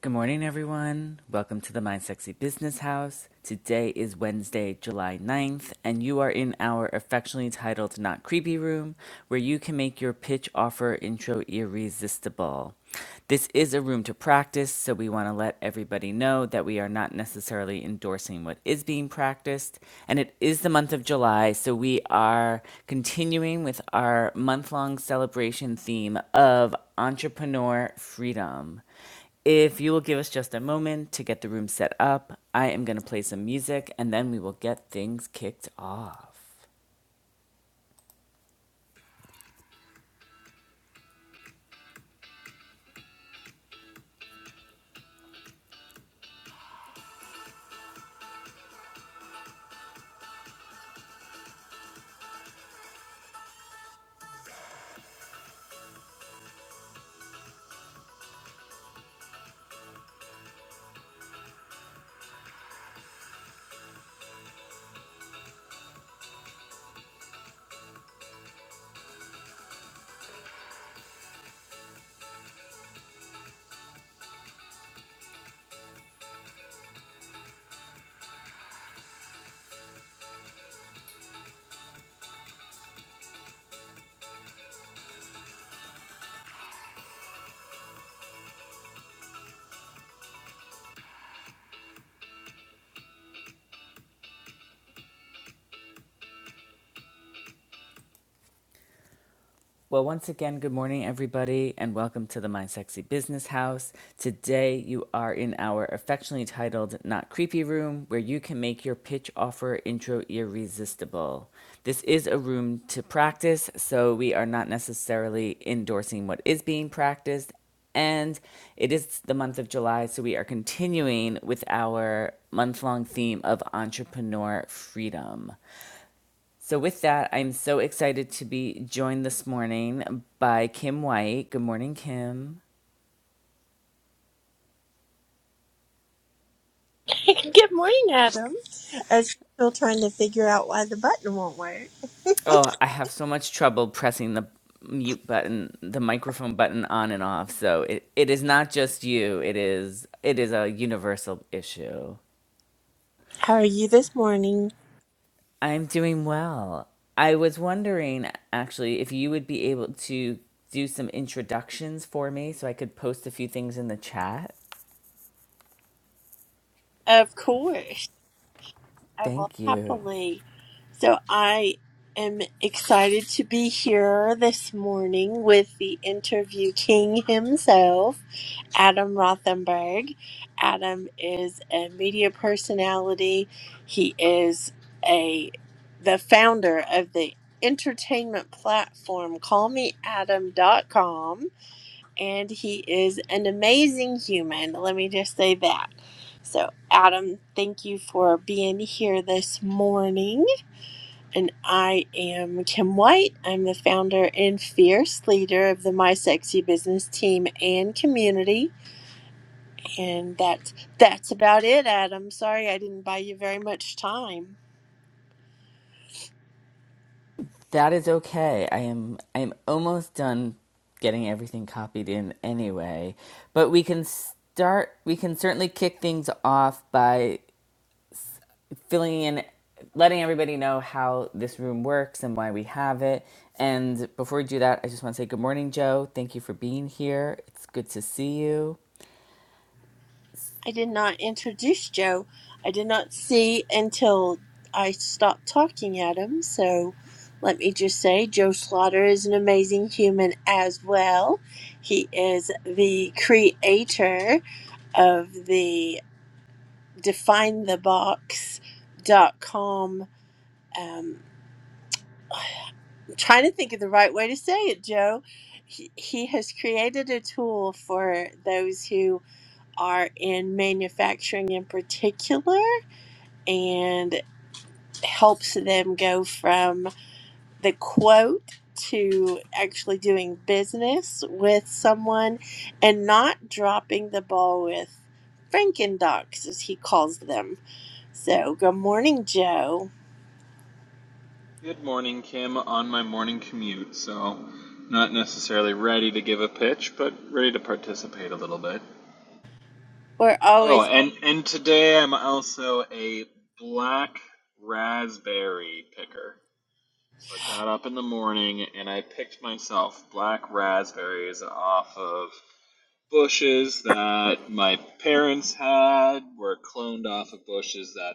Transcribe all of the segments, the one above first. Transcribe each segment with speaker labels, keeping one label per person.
Speaker 1: Good morning, everyone. Welcome to the Mind Sexy Business House. Today is Wednesday, July ninth, and you are in our affectionately titled Not Creepy Room, where you can make your pitch offer intro irresistible. This is a room to practice, so we want to let everybody know that we are not necessarily endorsing what is being practiced. And it is the month of July, so we are continuing with our month long celebration theme of entrepreneur freedom. If you will give us just a moment to get the room set up, I am going to play some music and then we will get things kicked off. Well, once again, good morning, everybody, and welcome to the My Sexy Business House. Today, you are in our affectionately titled Not Creepy Room, where you can make your pitch offer intro irresistible. This is a room to practice, so we are not necessarily endorsing what is being practiced. And it is the month of July, so we are continuing with our month long theme of entrepreneur freedom. So with that, I'm so excited to be joined this morning by Kim White. Good morning, Kim.
Speaker 2: Good morning, Adam. As usual, trying to figure out why the button won't work.
Speaker 1: Oh, I have so much trouble pressing the mute button, the microphone button on and off. So it, it is not just you. It is it is a universal issue.
Speaker 2: How are you this morning?
Speaker 1: I'm doing well. I was wondering actually if you would be able to do some introductions for me so I could post a few things in the chat.
Speaker 2: Of course, I will
Speaker 1: Thank you.
Speaker 2: happily. So, I am excited to be here this morning with the interview king himself, Adam Rothenberg. Adam is a media personality. He is a the founder of the entertainment platform callmeadam.com and he is an amazing human. Let me just say that. So, Adam, thank you for being here this morning. And I am Kim White. I'm the founder and fierce leader of the My Sexy Business team and community. And that's that's about it, Adam. Sorry I didn't buy you very much time.
Speaker 1: That is okay. I am I am almost done getting everything copied in anyway, but we can start we can certainly kick things off by filling in letting everybody know how this room works and why we have it. And before we do that, I just want to say good morning, Joe. Thank you for being here. It's good to see you.
Speaker 2: I did not introduce Joe. I did not see until I stopped talking at him. So let me just say Joe Slaughter is an amazing human as well. He is the creator of the definethebox.com. Um, I'm trying to think of the right way to say it, Joe. He, he has created a tool for those who are in manufacturing in particular and. helps them go from the quote to actually doing business with someone and not dropping the ball with Frankendocs, as he calls them. So, good morning, Joe.
Speaker 3: Good morning, Kim. On my morning commute, so not necessarily ready to give a pitch, but ready to participate a little bit.
Speaker 2: We're
Speaker 3: Oh,
Speaker 2: always,
Speaker 3: and and today I'm also a black raspberry picker. So I got up in the morning and I picked myself black raspberries off of bushes that my parents had, were cloned off of bushes that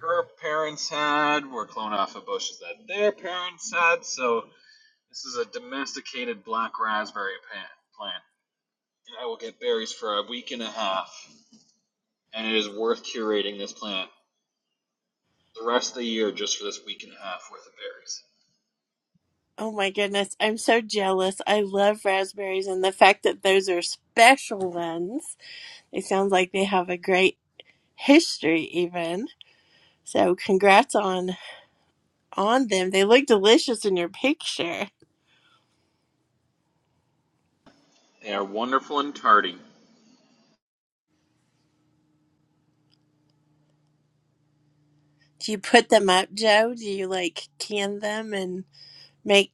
Speaker 3: her parents had, were cloned off of bushes that their parents had. So This is a domesticated black raspberry plant. And I will get berries for a week and a half, and it is worth curating this plant the rest of the year just for this week and a half worth of berries.
Speaker 2: oh my goodness, I'm so jealous. I love raspberries and the fact that those are special ones. It sounds like they have a great history, even. So, congrats on on them. They look delicious in your picture.
Speaker 3: They are wonderful and tardy.
Speaker 2: Do you put them up, Joe? Do you like can them and make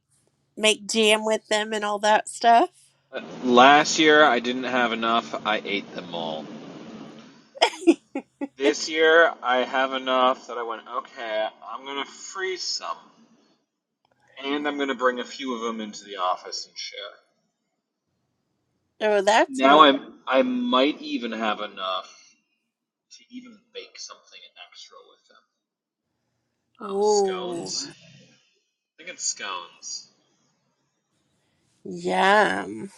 Speaker 2: make jam with them and all that stuff?
Speaker 3: Last year I didn't have enough, I ate them all. This year I have enough that I went, okay, I'm gonna freeze some. And I'm gonna bring a few of them into the office and share.
Speaker 2: Oh, that's
Speaker 3: Now
Speaker 2: not.
Speaker 3: I'm I might even have enough to even bake something extra with them. Oh,
Speaker 2: Ooh,
Speaker 3: scones? I think it's scones.
Speaker 2: yum.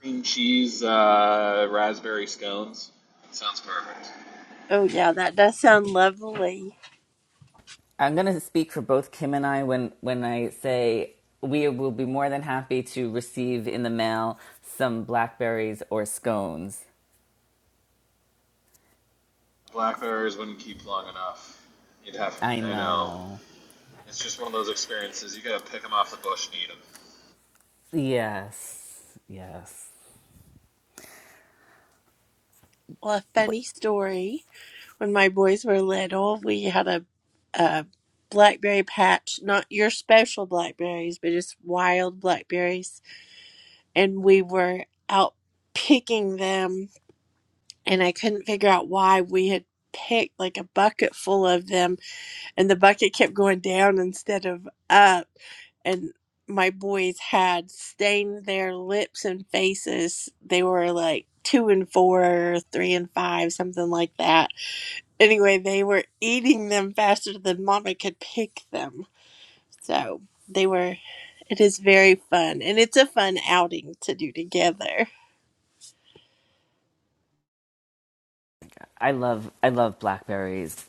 Speaker 3: Cream cheese, uh, raspberry scones. Sounds perfect.
Speaker 2: Oh yeah, that does sound lovely.
Speaker 1: I'm going to speak for both Kim and I when when I say we will be more than happy to receive in the mail some blackberries or scones
Speaker 3: Blackberries wouldn't keep long enough. You'd have,
Speaker 1: I
Speaker 3: I know.
Speaker 1: know.
Speaker 3: It's just one of those experiences. You gotta pick them off the bush and eat them.
Speaker 1: Yes. Yes.
Speaker 2: Well, a funny story. When my boys were little, we had a a blackberry patch, not your special blackberries, but just wild blackberries, and we were out picking them and I couldn't figure out why we had picked like a bucket full of them and the bucket kept going down instead of up and my boys had stained their lips and faces. They were like two and four, three and five, something like that. Anyway, they were eating them faster than mama could pick them. So they were, it is very fun. And it's a fun outing to do together.
Speaker 1: I love I love blackberries,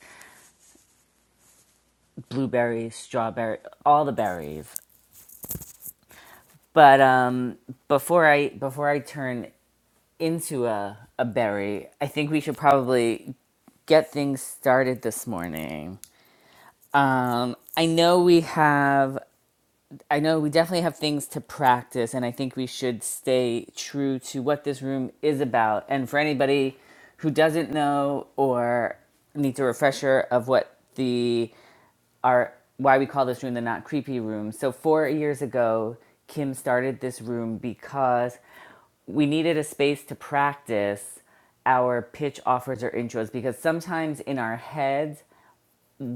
Speaker 1: blueberries, strawberry, all the berries. But um before I before I turn into a a berry, I think we should probably get things started this morning. Um I know we have I know we definitely have things to practice, and I think we should stay true to what this room is about. And for anybody who doesn't know or needs a refresher of what the our why we call this room the not creepy room. So 4 years ago, Kim started this room because we needed a space to practice our pitch offers or intros because sometimes in our heads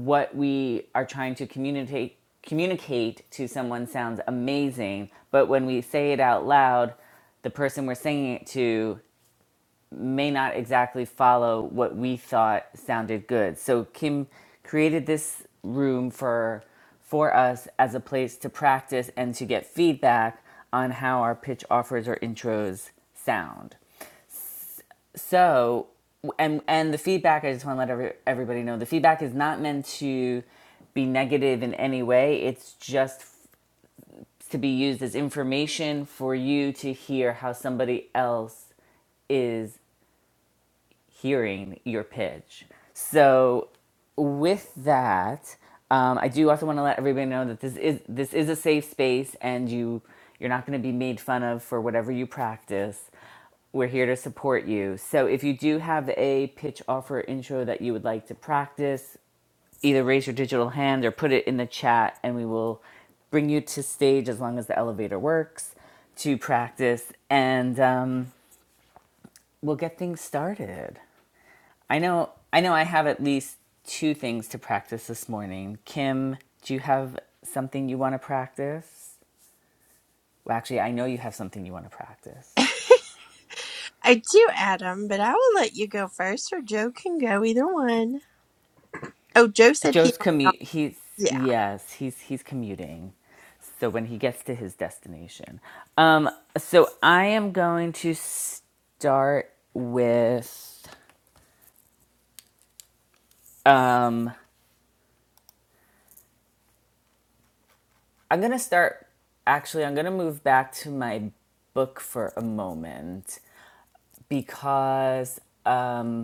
Speaker 1: what we are trying to communicate communicate to someone sounds amazing, but when we say it out loud, the person we're singing it to may not exactly follow what we thought sounded good. So Kim created this room for for us as a place to practice and to get feedback on how our pitch offers or intros sound. So, and and the feedback, I just want to let every, everybody know the feedback is not meant to be negative in any way. It's just to be used as information for you to hear how somebody else is hearing your pitch. So with that, um, I do also want to let everybody know that this is this is a safe space, and you you're not going to be made fun of for whatever you practice. We're here to support you. So if you do have a pitch offer intro that you would like to practice, either raise your digital hand or put it in the chat, and we will bring you to stage as long as the elevator works to practice, and um, we'll get things started. I know I know I have at least two things to practice this morning. Kim, do you have something you want to practice? Well, actually, I know you have something you want to practice.
Speaker 2: I do, Adam, but I will let you go first, or Joe can go either one. Oh, Joe said he
Speaker 1: Joe's
Speaker 2: might not.
Speaker 1: commute. He's
Speaker 2: Yeah.
Speaker 1: yes, he's he's commuting. So when he gets to his destination, um, so I am going to start with. Um, I'm gonna start. Actually, I'm gonna move back to my book for a moment because um,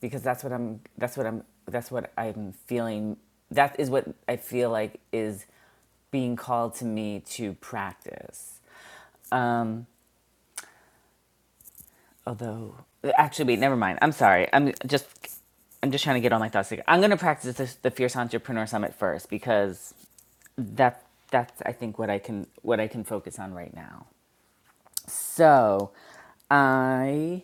Speaker 1: because that's what I'm that's what I'm that's what I'm feeling that is what I feel like is being called to me to practice. Although actually wait, never mind. I'm sorry. I'm just I'm just trying to get all my thoughts together. I'm going to practice the, the Fierce Entrepreneur Summit first because that that's I think what I can what I can focus on right now. So, I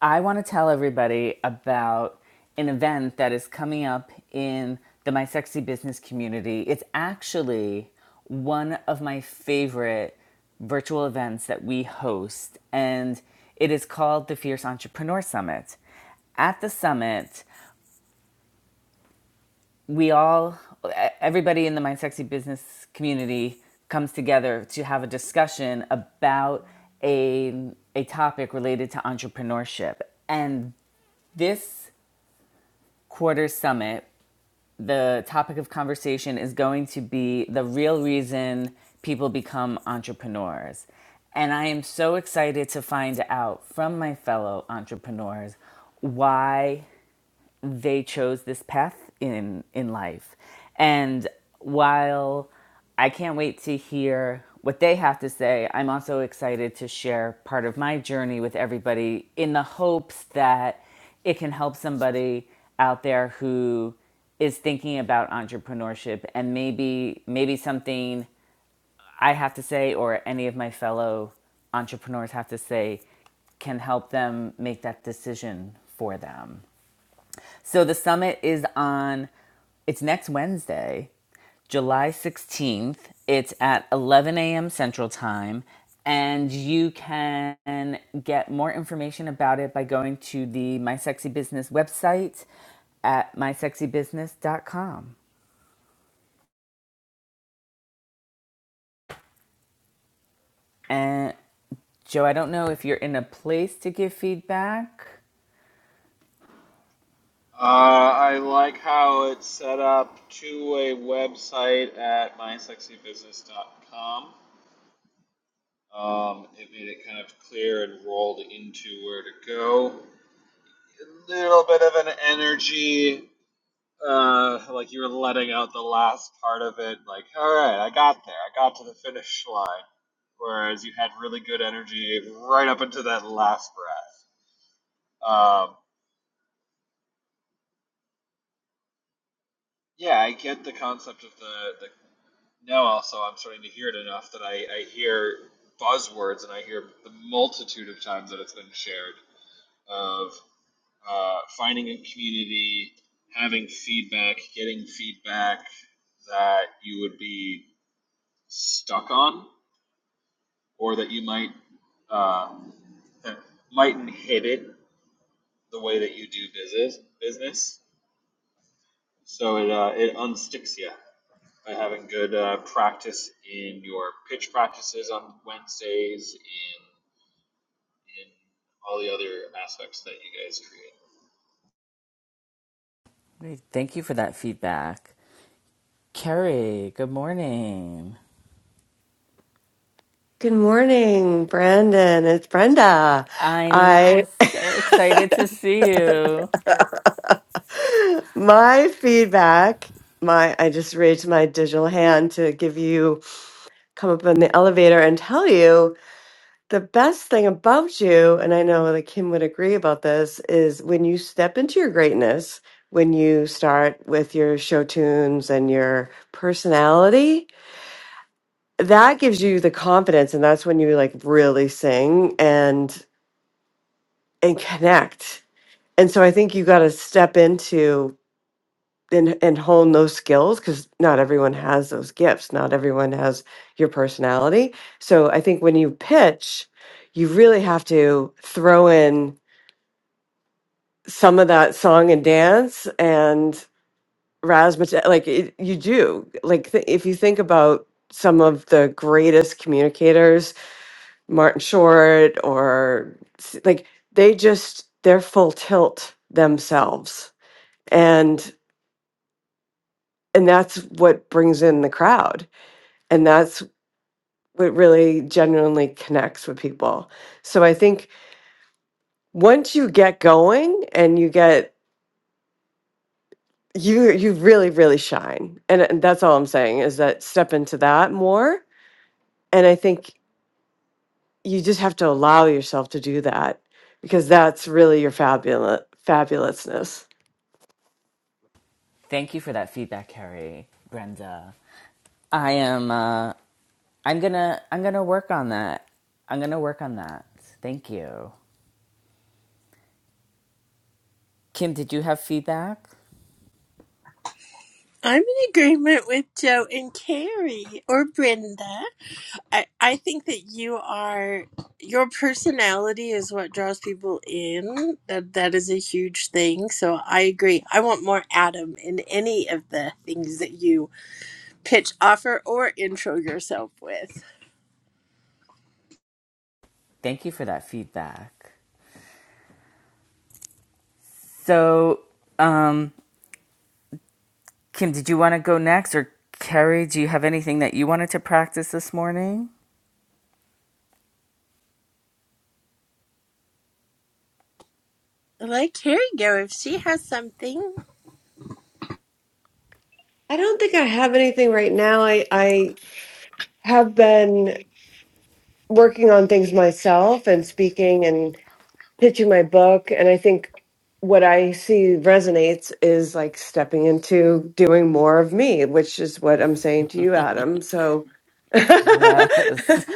Speaker 1: I want to tell everybody about an event that is coming up in the My Sexy Business community. It's actually one of my favorite virtual events that we host and it is called the Fierce Entrepreneur Summit. At the summit, we all e, everybody in the mind sexy business community comes together to have a discussion about a a topic related to entrepreneurship and this quarter summit the topic of conversation is going to be the real reason people become entrepreneurs and i am so excited to find out from my fellow entrepreneurs why they chose this path in in life and while i can't wait to hear what they have to say i'm also excited to share part of my journey with everybody in the hopes that it can help somebody out there who is thinking about entrepreneurship and maybe maybe something i have to say or any of my fellow entrepreneurs have to say can help them make that decision for them so the summit is on, it's next Wednesday, July 16th. It's at 11 a.m. Central Time. And you can get more information about it by going to the My Sexy Business website at my sexy business dot com. And Joe, I don't know if you're in a place to give feedback.
Speaker 3: Uh, I like how it's set up to a website at mysexybusiness.com. Um, it made it kind of clear and rolled into where to go. A little bit of an energy Uh, like you were letting out the last part of it, like, all right, I got there, I got to the finish line. Whereas you had really good energy right up into that last breath. Um, yeah, I get the concept of the, the now. Also, I'm starting to hear it enough that I, I hear buzzwords and I hear the multitude of times that it's been shared of uh, finding a community, having feedback, getting feedback that you would be stuck on or that you might um, that might inhibit the way that you do business. Business, so it uh, it unsticks you by having good uh, practice in your pitch practices on Wednesdays and in all the other aspects that you guys create.
Speaker 1: Thank you for that feedback. Carrie, good morning.
Speaker 4: Good morning, Brandon. It's Brenda.
Speaker 1: I know. I'm
Speaker 4: I
Speaker 1: so excited to see you.
Speaker 4: my feedback, my I just raised my digital hand to give you come up in the elevator and tell you the best thing about you, and I know that Kim would agree about this, is when you step into your greatness, when you start with your show tunes and your personality, that gives you the confidence and that's when you like really sing and and connect And so I think you got to step into and, and hone those skills because not everyone has those gifts. Not everyone has your personality. So I think when you pitch, you really have to throw in some of that song and dance and razzmatazz. Like it, you do. Like th- if you think about some of the greatest communicators, Martin Short or s- like they just, they're full tilt themselves and that's what brings in the crowd and that's what really genuinely connects with people so i think once you get going and you get you you really really shine and, and that's all i'm saying is that step into that more and i think you just have to allow yourself to do that because that's really your fabulous fabulousness
Speaker 1: Thank you for that feedback, Carrie. Brenda. I am. Uh, I'm gonna. I'm gonna work on that. I'm gonna work on that. Thank you, Kim. Did you have feedback?
Speaker 2: I'm in agreement with Joe and Carrie or Brenda. I, I think that you are, your personality is what draws people in. That That is a huge thing. So I agree. I want more Adam in any of the things that you pitch, offer, or intro yourself with.
Speaker 1: Thank you for that feedback. So, um, Kim, did you want to go next, or Carrie? Do you have anything that you wanted to practice this morning?
Speaker 2: Let Carrie go if she has something.
Speaker 4: I don't think I have anything right now. I I have been working on things myself and speaking and. pitching my book and i think what i see resonates is like stepping into doing more of me which is what i'm saying to you adam so
Speaker 1: Yes.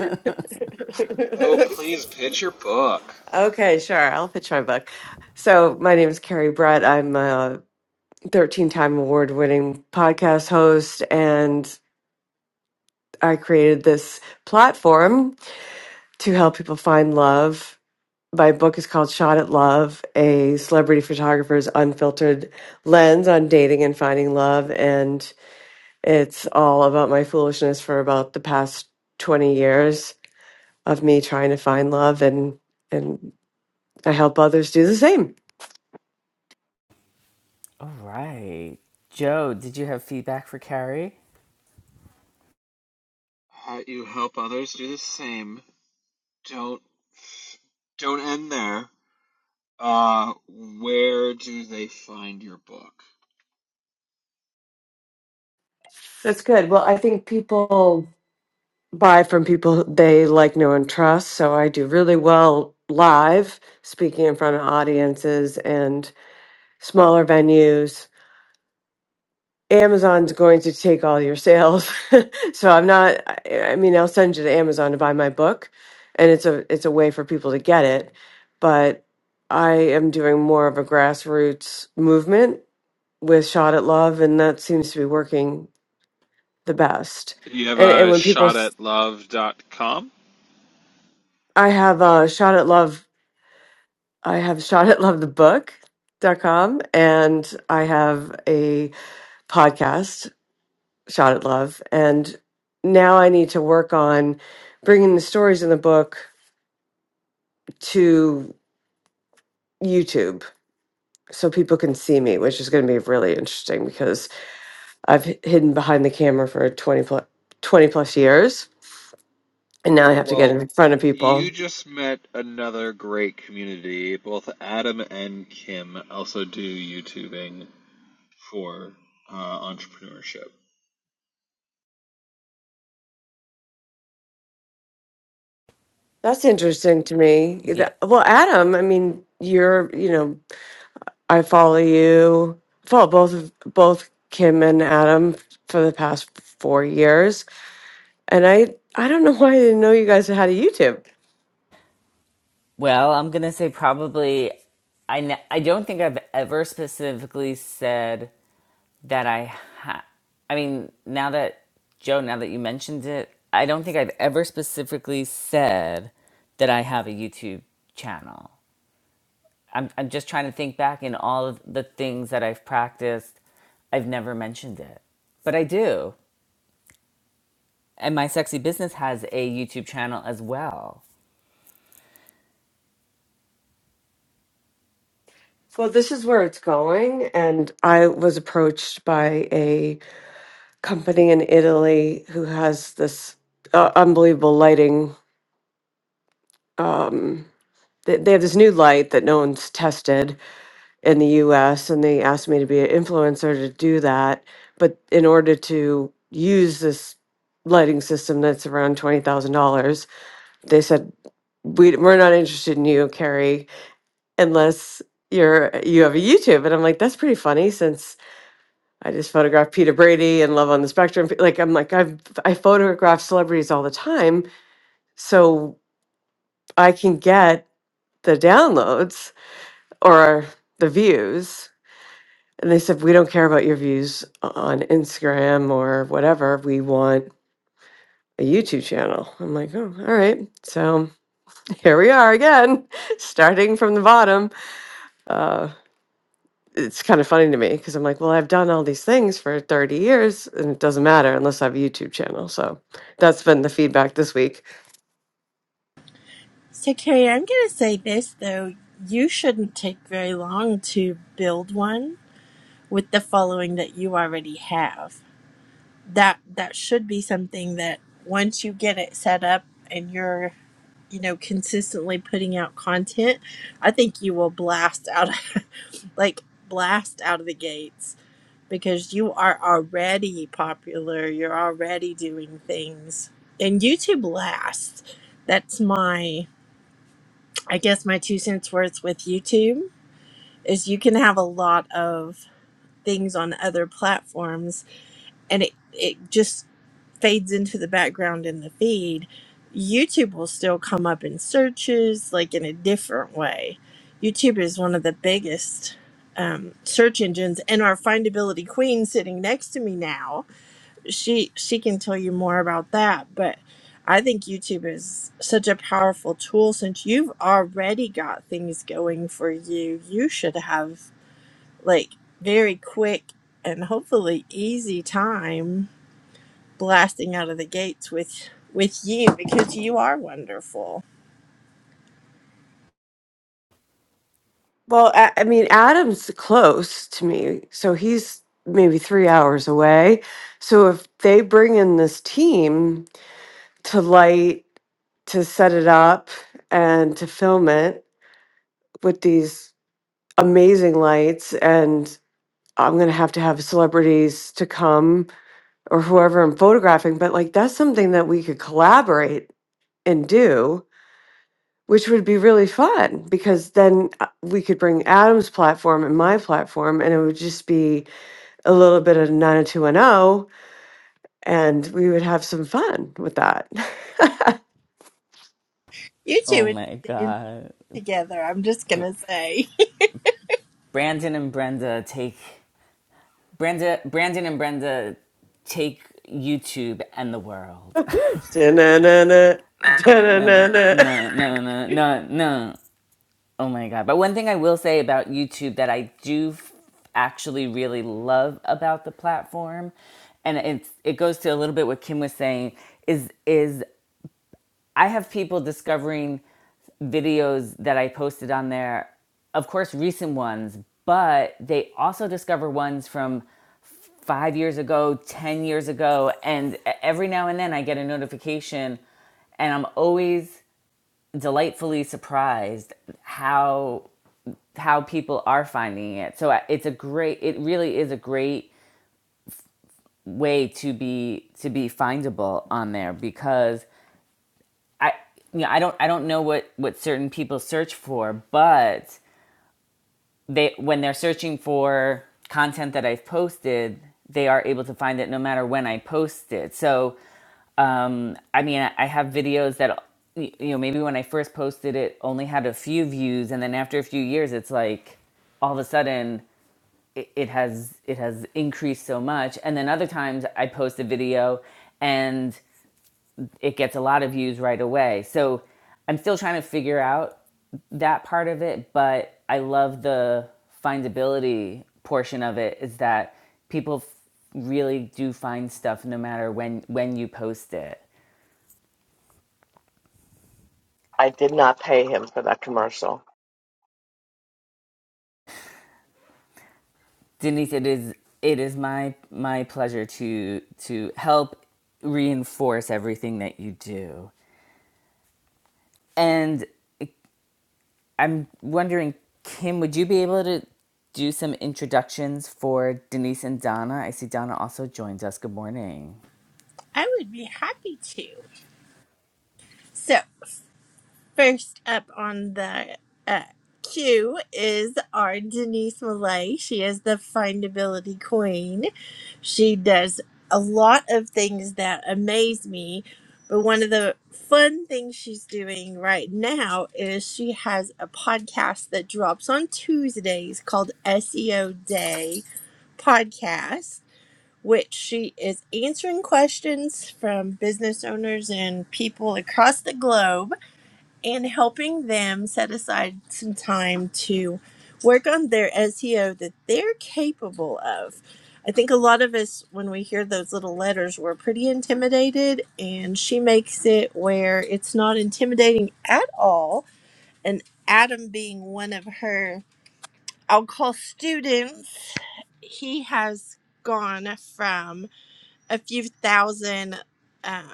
Speaker 3: Oh, please pitch your book.
Speaker 4: okay sure i'll pitch my book so my name is carrie brett i'm a 13 time award winning podcast host and i created this platform to help people find love my book is called Shot at Love, a celebrity photographer's unfiltered lens on dating and finding love. And it's all about my foolishness for about the past 20 years of me trying to find love and, and I help others do the same.
Speaker 1: All right. Joe, did you have feedback for Carrie?
Speaker 3: you help others do the same. Don't don't end there. Uh, where do they find your book?
Speaker 4: That's good. Well, I think people buy from people they like, know, and trust. So I do really well live speaking in front of audiences and smaller venues Amazon's going to take all your sales. so I'm not I I mean I'll send you to Amazon to buy my book and it's a it's a way for people to get it, but I am doing more of a grassroots movement with Shot at Love and that seems to be working the best.
Speaker 3: You have
Speaker 4: And and
Speaker 3: a
Speaker 4: when people
Speaker 3: shot
Speaker 4: s-
Speaker 3: at love dot com.
Speaker 4: I have uh Shot at Love I have Shot at Love the book dot com and I have a podcast shot at love and now i need to work on bringing the stories in the book to youtube so people can see me which is going to be really interesting because i've h- hidden behind the camera for 20 plus, 20 plus years and now i have to get
Speaker 3: Well,
Speaker 4: in front of
Speaker 3: you
Speaker 4: people
Speaker 3: just met another great community. Both Adam and Kim also do YouTubing for uh, entrepreneurship.
Speaker 4: that's interesting to me
Speaker 1: Yeah.
Speaker 4: That- well adam i mean you're you know i follow you follow both of both kim and adam for the past four years And I I don't know why I didn't know you guys had a YouTube.
Speaker 1: Well, I'm gonna say probably. I n- I don't think I've ever specifically said that I. Ha- I mean, now that Joe, now that you mentioned it, I don't think I've ever specifically said that I have a YouTube channel. I'm I'm just trying to think back in all of the things that I've practiced. I've never mentioned it, but I do. And my sexy business has a YouTube channel as well.
Speaker 4: Well, this is where it's going. And I was approached by a company in Italy who has this uh, unbelievable lighting. Um, they, they have this new light that no one's tested in the US, and they asked me to be an influencer to do that. But in order to use this lighting system that's around $20,000, they said, we, We're not interested in you, Carrie unless you're you have a YouTube. And I'm like, that's pretty funny since I just photographed Peter Brady and Love on the Spectrum. Like I'm like I've I photograph celebrities all the time, so I can get the downloads or the views. And they said, we don't care about your views on Instagram or whatever. We want a YouTube channel. I'm like, oh, all right. So here we are again, starting from the bottom. Uh, it's kind of funny to me because I'm like, well, I've done all these things for 30 years and it doesn't matter unless I have a YouTube channel. So that's been the feedback this week.
Speaker 2: So, Carrie, I'm going to say this though. You shouldn't take very long to build one with the following that you already have. That that should be something that once you get it set up and you're, you know, consistently putting out content, I think you will blast out like blast out of the gates because you are already popular. You're already doing things. And YouTube lasts. That's my I guess my two cents worth with YouTube is you can have a lot of things on other platforms and it, it just fades into the background in the feed. YouTube will still come up in searches, like in a different way. YouTube is one of the biggest um, search engines, and our findability queen sitting next to me now she she can tell you more about that but i think youtube is such a powerful tool since you've already got things going for you you should have like very quick and hopefully easy time blasting out of the gates with with you because you are wonderful
Speaker 4: Well, I, I mean, Adam's close to me. So he's maybe three hours away. So if they bring in this team to light, to set it up, and to film it with these amazing lights, and I'm going to have to have celebrities to come or whoever I'm photographing, but like that's something that we could collaborate and do, which would be really fun because then uh, we could bring Adam's platform and my platform, and it would just be a little bit of 90210, and we would have some fun with that.
Speaker 2: you two
Speaker 1: Oh
Speaker 2: would
Speaker 1: my
Speaker 2: dance
Speaker 1: god.
Speaker 2: together i'm just gonna say
Speaker 1: Brandon and Brenda take Brenda, Brandon, and Brenda take YouTube and the world.
Speaker 4: Da-na-na-na,
Speaker 1: no, no,
Speaker 4: da-na-na-na.
Speaker 1: no, no, no, no, no. Oh my god! But one thing I will say about YouTube that I do actually really love about the platform, and it's it goes to a little bit what Kim was saying is is I have people discovering videos that I posted on there, of course, recent ones, but they also discover ones from five years ago, 10 years ago. And e- every now and then I get a notification and I'm always delightfully surprised how how people are finding it. So uh, it's a great it really is a great way to be to be findable on there because I you know, I don't I don't know what what certain people search for, but they when they're searching for content that I've posted, they are able to find it no matter when I post it. So, um, I mean, I have videos that you know maybe when I first posted it only had a few views, and then after a few years, it's like all of a sudden it, it has it has increased so much. And then other times I post a video and it gets a lot of views right away. So I'm still trying to figure out that part of it, but I love the findability portion of it is that people f- really do find stuff no matter when when you post it.
Speaker 5: I did not pay him for that commercial.
Speaker 1: Denise, it is it is my my pleasure to to help reinforce everything that you do. And I'm wondering, Kim, would you be able to do some introductions for Denise and Donna? I see Donna also joins us. Good morning.
Speaker 2: i would be happy to so First up on the uh, queue is our Denise Malay. She is the findability queen. She does a lot of things that amaze me, but one of the fun things she's doing right now is she has a podcast that drops on Tuesdays called SEO Day Podcast. Which she is answering questions from business owners and people across the globe and helping them set aside some time to work on their SEO that they're capable of. I think a lot of us, when we hear those little letters, we're pretty intimidated, and she makes it where it's not intimidating at all. And Adam, being one of her, I'll call students, he has gone from a few thousand um,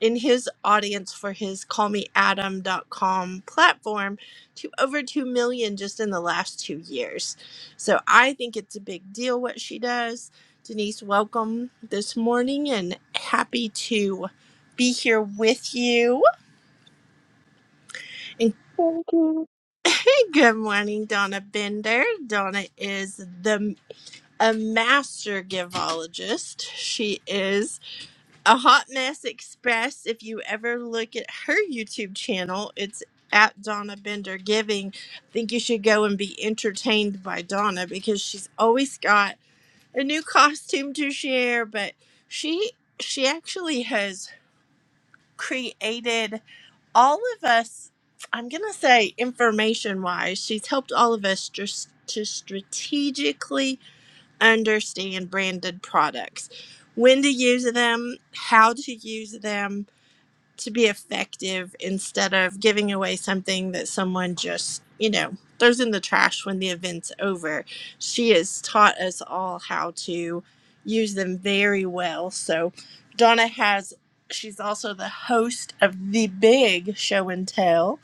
Speaker 2: in his audience for his call me adam dot com platform to over 2 million just in the last two years. So I think it's a big deal what she does. Denise, welcome this morning and happy to be here with you. And
Speaker 5: Thank you.
Speaker 2: hey, good morning, Donna Bender. Donna is the a master givologist. She is a hot mess express if you ever look at her youtube channel it's at donna bender giving i think you should go and be entertained by donna because she's always got a new costume to share but she she actually has created all of us i'm gonna say information wise she's helped all of us just to strategically understand branded products when to use them how to use them to be effective instead of giving away something that someone just, you know, throws in the trash when the event's over. She has taught us all how to use them very well. So, Donna has, she's also the host of The Big Show and Tell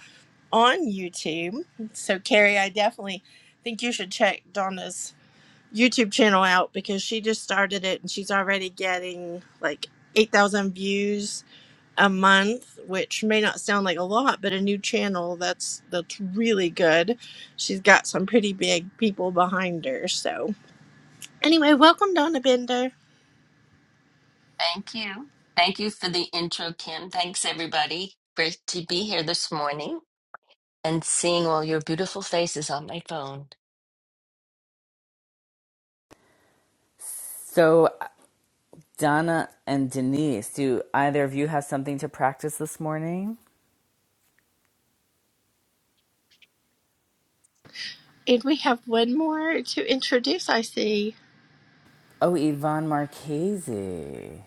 Speaker 2: on YouTube. So, Carrie, I definitely think you should check Donna's YouTube channel out because she just started it and she's already getting like 8,000 views a month, which may not sound like a lot, but a new channel that's that's really good. She's got some pretty big people behind her. So anyway, welcome Donna Bender.
Speaker 6: Thank you. Thank you for the intro, Kim. Thanks, everybody. Great to be here this morning and seeing all your beautiful faces on my phone.
Speaker 1: So Donna and Denise, do either of you have something to practice this morning?
Speaker 2: And we have one more to introduce, I see.
Speaker 1: Oh, Yvonne Marchese.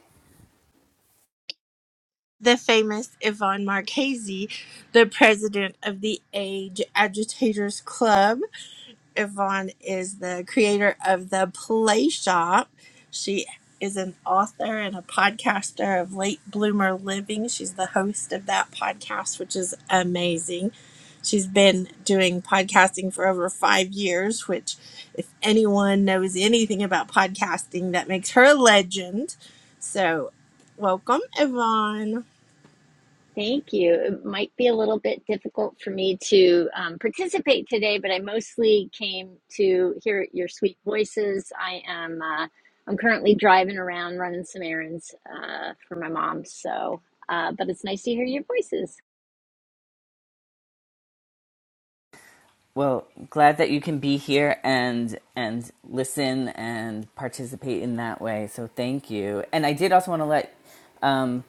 Speaker 2: The famous Yvonne Marchese, the president of the Age Agitators Club. Yvonne is the creator of the Play Shop. She is an author and a podcaster of Late Bloomer Living. She's the host of that podcast, which is amazing. She's been doing podcasting for over five years, which, if anyone knows anything about podcasting, that makes her a legend. So, welcome, Yvonne.
Speaker 7: Thank you. It might be a little bit difficult for me to um, participate today, but I mostly came to hear your sweet voices. I am uh, I'm currently driving around running some errands uh, for my mom, so uh, but it's nice to hear your voices.
Speaker 1: Well, glad that you can be here and and listen and participate in that way. So thank you. And I did also want to let um,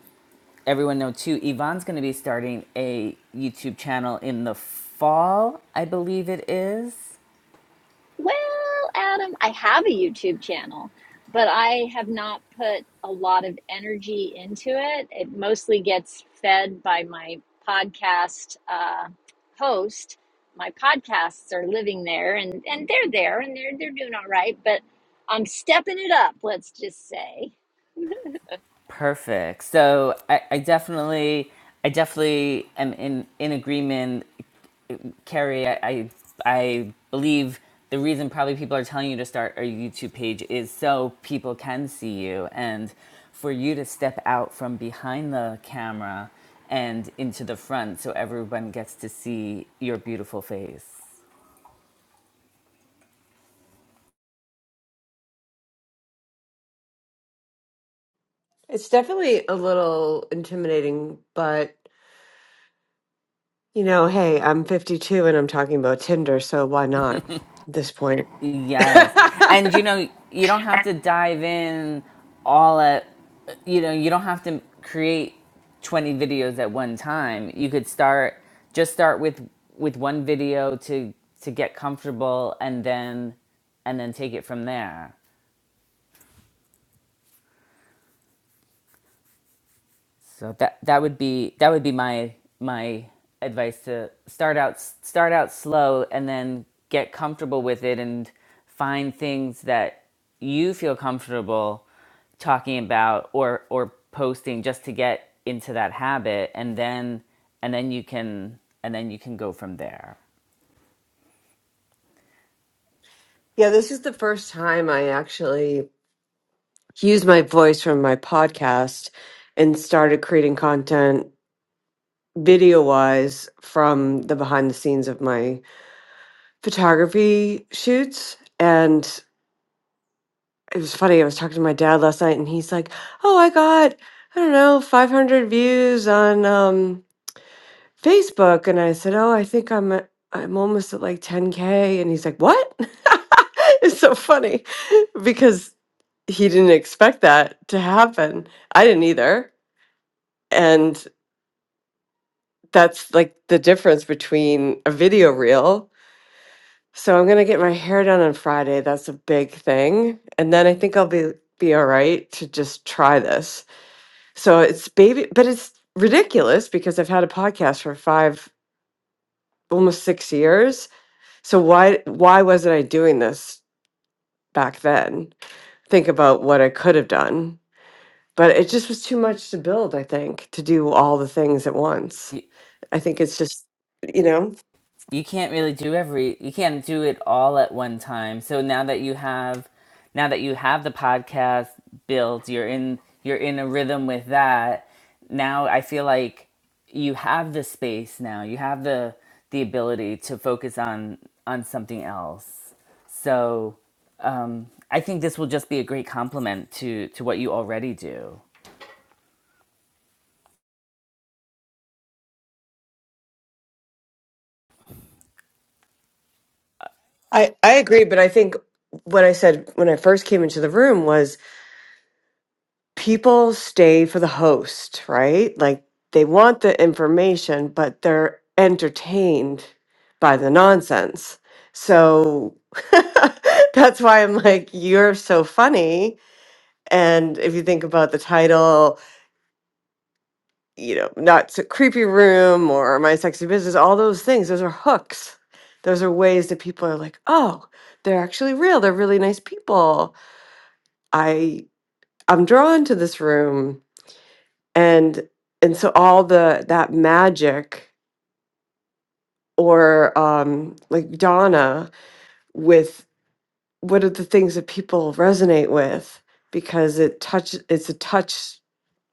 Speaker 1: everyone know too. Yvonne's going to be starting a YouTube channel in the fall, I believe it is.
Speaker 7: Well, Adam, I have a YouTube channel, but I have not put a lot of energy into it. It mostly gets fed by my podcast uh, host. My podcasts are living there, and and they're there, and they're they're doing all right. But I'm stepping it up. Let's just say
Speaker 1: Perfect. So I, I definitely, I definitely am in in agreement, Carrie. I, I I believe the reason probably people are telling you to start a YouTube page is so people can see you and for you to step out from behind the camera and into the front so everyone gets to see your beautiful face.
Speaker 4: It's definitely a little intimidating, but you know, hey, I'm 52 and I'm talking about Tinder, so why not at this point?
Speaker 1: Yes. And you know, you don't have to dive in all at you know, you don't have to create 20 videos at one time. You could start just start with with one video to to get comfortable and then and then take it from there. So that that would be that would be my my advice to start out start out slow and then get comfortable with it and find things that you feel comfortable talking about or or posting just to get into that habit and then and then you can and then you can go from there.
Speaker 4: Yeah, this is the first time I actually used my voice from my podcast and started creating content video wise from the behind the scenes of my photography shoots. And it was funny, I was talking to my dad last night and he's like, Oh, I got, I don't know, 500 views on um, Facebook. And I said, Oh, I think I'm, at, I'm almost at like 10K. And he's like, What? it's so funny because he didn't expect that to happen. I didn't either. And that's like the difference between a video reel. So I'm going to get my hair done on Friday. That's a big thing. And then I think I'll be be all right to just try this. So it's baby but it's ridiculous because I've had a podcast for 5 almost 6 years. So why why wasn't I doing this back then? Think about what I could have done but it just was too much to build i think to do all the things at once i think it's just you know
Speaker 1: you can't really do every you can't do it all at one time so now that you have now that you have the podcast built you're in you're in a rhythm with that now i feel like you have the space now you have the the ability to focus on on something else so um i think this will just be a great compliment to to what you already do
Speaker 4: i i agree but i think what i said when i first came into the room was people stay for the host right like they want the information but they're entertained by the nonsense so that's why i'm like you're so funny and if you think about the title you know, not so creepy room or my sexy business, all those things, those are hooks. Those are ways that people are like, oh, they're actually real. They're really nice people. I I'm drawn to this room. And and so all the that magic or um like Donna with what are the things that people resonate with because it touch it's a touch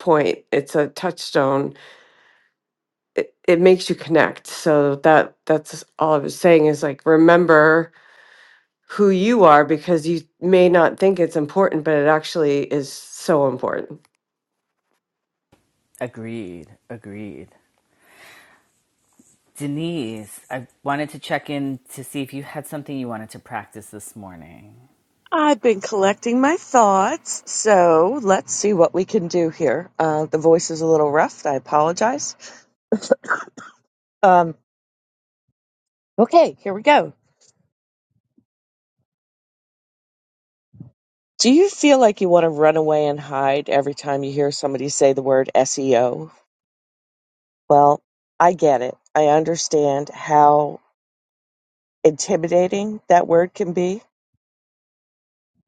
Speaker 4: point. It's a touchstone it, it makes you connect. So that that's all I was saying is like remember who you are because you may not think it's important, but it actually is so important.
Speaker 1: agreed agreed Denise, I wanted to check in to see if you had something you wanted to practice this morning.
Speaker 5: I've been collecting my thoughts, so let's see what we can do here. Uh, the voice is a little rough. I apologize. Um, okay, here we go. Do you feel like you want to run away and hide every time you hear somebody say the word SEO? Well, I get it. I understand how intimidating that word can be,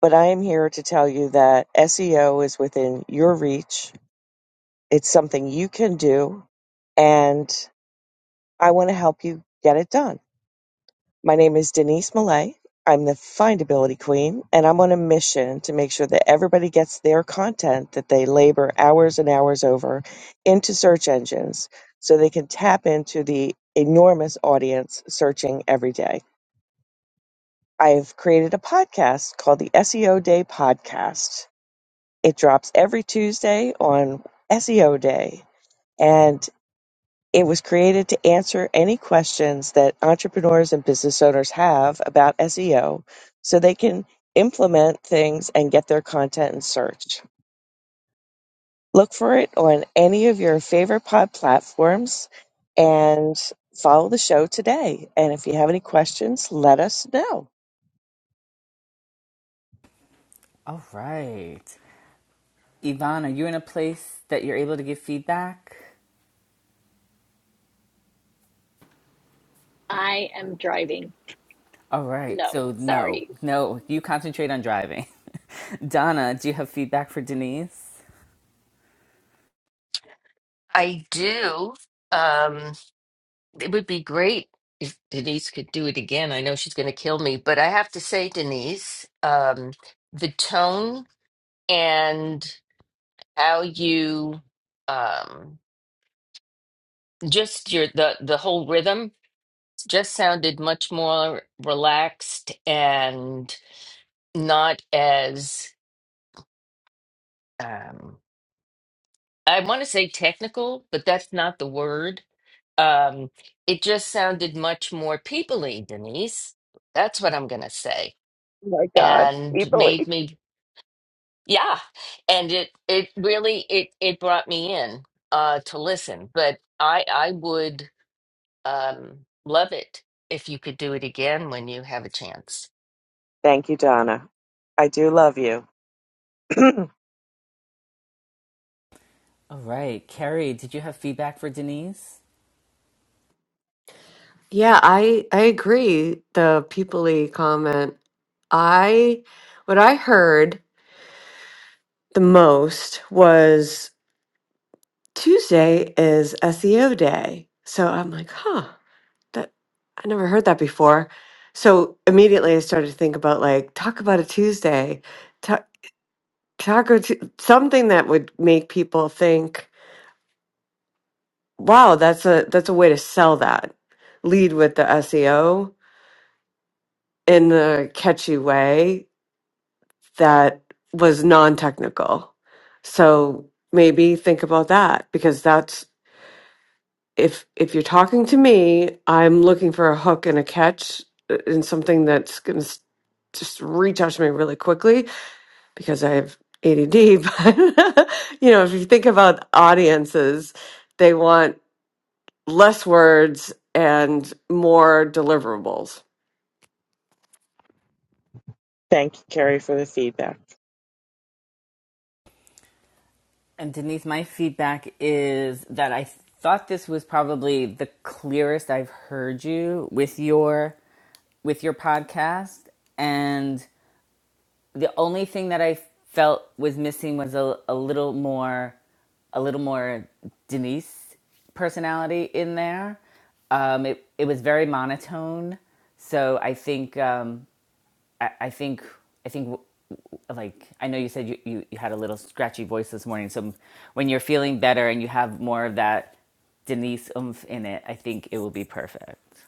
Speaker 5: but I am here to tell you that SEO is within your reach It's something you can do, and I want to help you get it done. My name is Denise Millay. I'm the findability queen, and I'm on a mission to make sure that everybody gets their content that they labor hours and hours over into search engines so they can tap into the enormous audience searching every day. I've created a podcast called the SEO Day Podcast. It drops every Tuesday on SEO Day. and It was created to answer any questions that entrepreneurs and business owners have about SEO so they can implement things and get their content in search. Look for it on any of your favorite pod platforms and follow the show today. And if you have any questions, let us know.
Speaker 1: All right. Yvonne, are you in a place that you're able to give feedback?
Speaker 7: I am driving.
Speaker 1: All right.
Speaker 7: No,
Speaker 1: So, no,
Speaker 7: sorry.
Speaker 1: no, you concentrate on driving. Donna, do you have feedback for Denise?
Speaker 6: I do. Um, it would be great if Denise could do it again. I know she's going to kill me, but I have to say, Denise, um, the tone and how you um, just your the the whole rhythm just sounded much more relaxed and. not as um I want to say technical, but that's not the word. Um it just sounded much more peoply, Denise. That's what I'm going to say.
Speaker 5: Oh my God, we
Speaker 6: And made
Speaker 5: believe.
Speaker 6: me yeah, and it it really it it brought me in uh to listen, but I I would um love it if you could do it again when you have a chance.
Speaker 5: Thank you, Donna. I do love you. Thank
Speaker 1: All right. Carrie, did you have feedback for Denise?
Speaker 4: Yeah, I I agree. The people comment. I what I heard. The most was Tuesday is SEO day. So I'm like, huh, that I never heard that before. So immediately I started to think about like talk about a Tuesday. Taco, t- something that would make people think, "Wow, that's a that's a way to sell that." Lead with the SEO in the catchy way that was non-technical. So maybe think about that because that's if if you're talking to me, I'm looking for a hook and a catch uh, and something that's going to just reach out to me really quickly because I have ADD. But you know, if you think about audiences, they want less words and more deliverables.
Speaker 5: you, Carrie, for the feedback.
Speaker 1: And Denise, my feedback is that I thought this was probably the clearest I've heard you with your with your podcast and the only thing that I felt was missing was a, a little more a little more Denise personality in there. Um, it it was very monotone, so I think um, I, I think I think w- w- like I know you said you, you, you had a little scratchy voice this morning. So when you're feeling better and you have more of that Denise oomph in it, I think it will be perfect.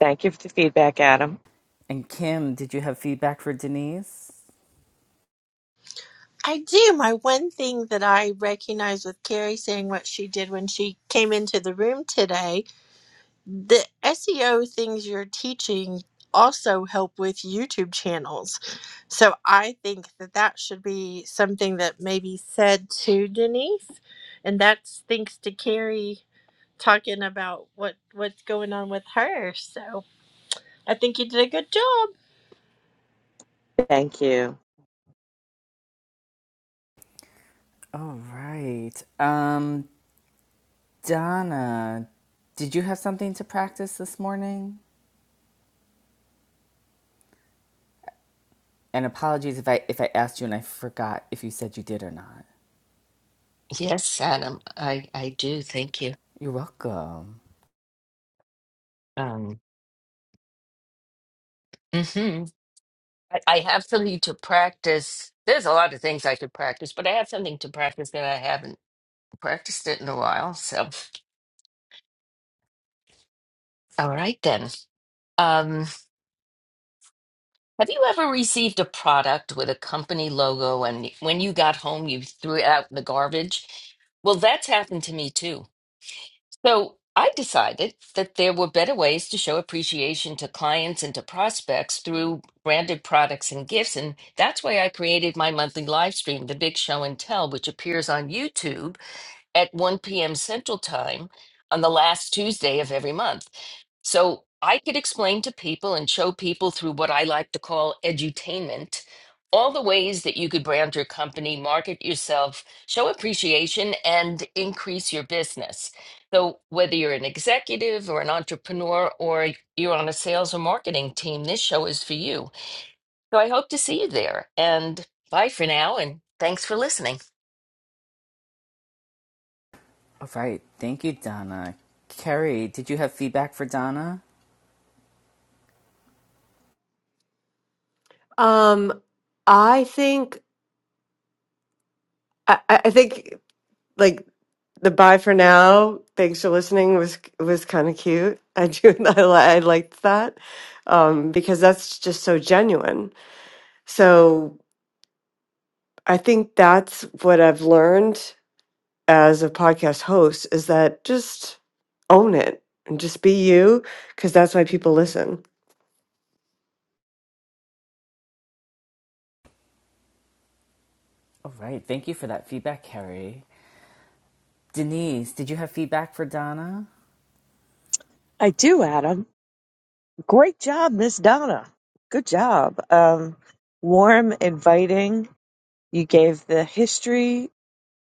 Speaker 5: Thank you for the feedback, Adam.
Speaker 1: And Kim, did you have feedback for Denise?
Speaker 2: I do. My one thing that I recognize with Carrie saying what she did when she came into the room today the SEO things you're teaching also help with YouTube channels. So I think that that should be something that maybe said to Denise. And that's thanks to Carrie talking about what what's going on with her. So I think you did a good job.
Speaker 5: Thank you.
Speaker 1: All right. Um, Donna, did you have something to practice this morning? And apologies if I if I asked you and I forgot if you said you did or not.
Speaker 6: Yes, Adam. I I do. Thank you.
Speaker 1: You're welcome.
Speaker 6: Um mhm. I I have something to practice. There's a lot of things I could practice, but I have something to practice that I haven't practiced it in a while. So, all right then. Um, have you ever received a product with a company logo and when you got home, you threw it out in the garbage? Well, that's happened to me too. So, I decided that there were better ways to show appreciation to clients and to prospects through branded products and gifts. And that's why I created my monthly live stream, The Big Show and Tell, which appears on YouTube at 1 p.m. Central Time on the last Tuesday of every month. So I could explain to people and show people through what I like to call edutainment all the ways that you could brand your company, market yourself, show appreciation, and increase your business. So, whether you're an executive or an entrepreneur or you're on a sales or marketing team, this show is for you. So, I hope to see you there. And bye for now. And thanks for listening.
Speaker 1: All right, thank you, Donna. Carrie, did you have feedback for Donna?
Speaker 4: Um, I think I, I I think like the bye for now. Thanks for listening was was kind of cute. I do I, li- I liked that um, because that's just so genuine. So I think that's what I've learned as a podcast host is that just own it and just be you because that's why people listen
Speaker 1: All right, thank you for that feedback, Carrie. Denise, did you have feedback for Donna?
Speaker 5: I do, Adam. Great job, Miss Donna. Good job. Um, warm, inviting. You gave the history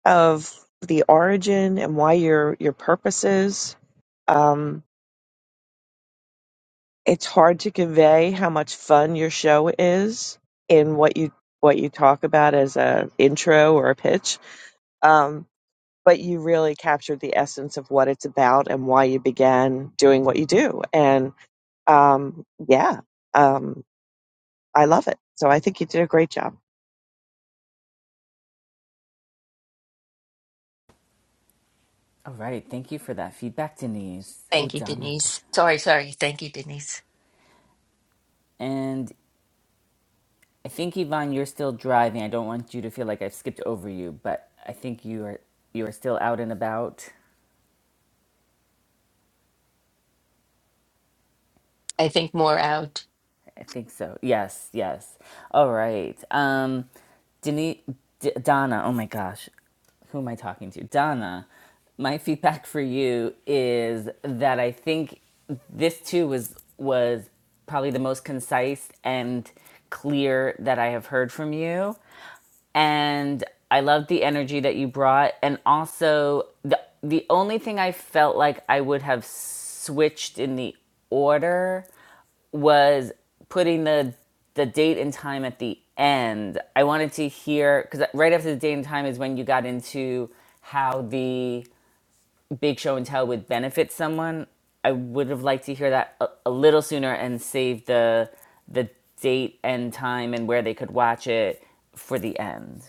Speaker 5: of the origin and why your your purpose is. Um, it's hard to convey how much fun your show is in what you what you talk about as a intro or a pitch um, but you really captured the essence of what it's about and why you began doing what you do and um, yeah um, i love it so i think you did a great job
Speaker 1: All right, thank you for that feedback, Denise. Oh,
Speaker 6: Thank you,
Speaker 1: Donna, go
Speaker 6: Denise. Sorry, sorry. Thank you, Denise.
Speaker 1: ahead. And I think Yvonne, you're still driving. I don't want you to feel like I've skipped over you, but I think you are you are still out and about.
Speaker 6: I think more out.
Speaker 1: I think so. Yes, yes. All right. Um, Denise, D- Donna. Oh my gosh, who am I talking to? Donna. My feedback for you is that I think this too was was probably the most concise and clear that I have heard from you and I loved the energy that you brought. And also, the the only thing I felt like I would have switched in the order was putting the the date and time at the end. I wanted to hear because right after the date and time is when you got into how the big show and tell would benefit someone. I would have liked to hear that a, a little sooner and save the the date and time and where they could watch it for the end.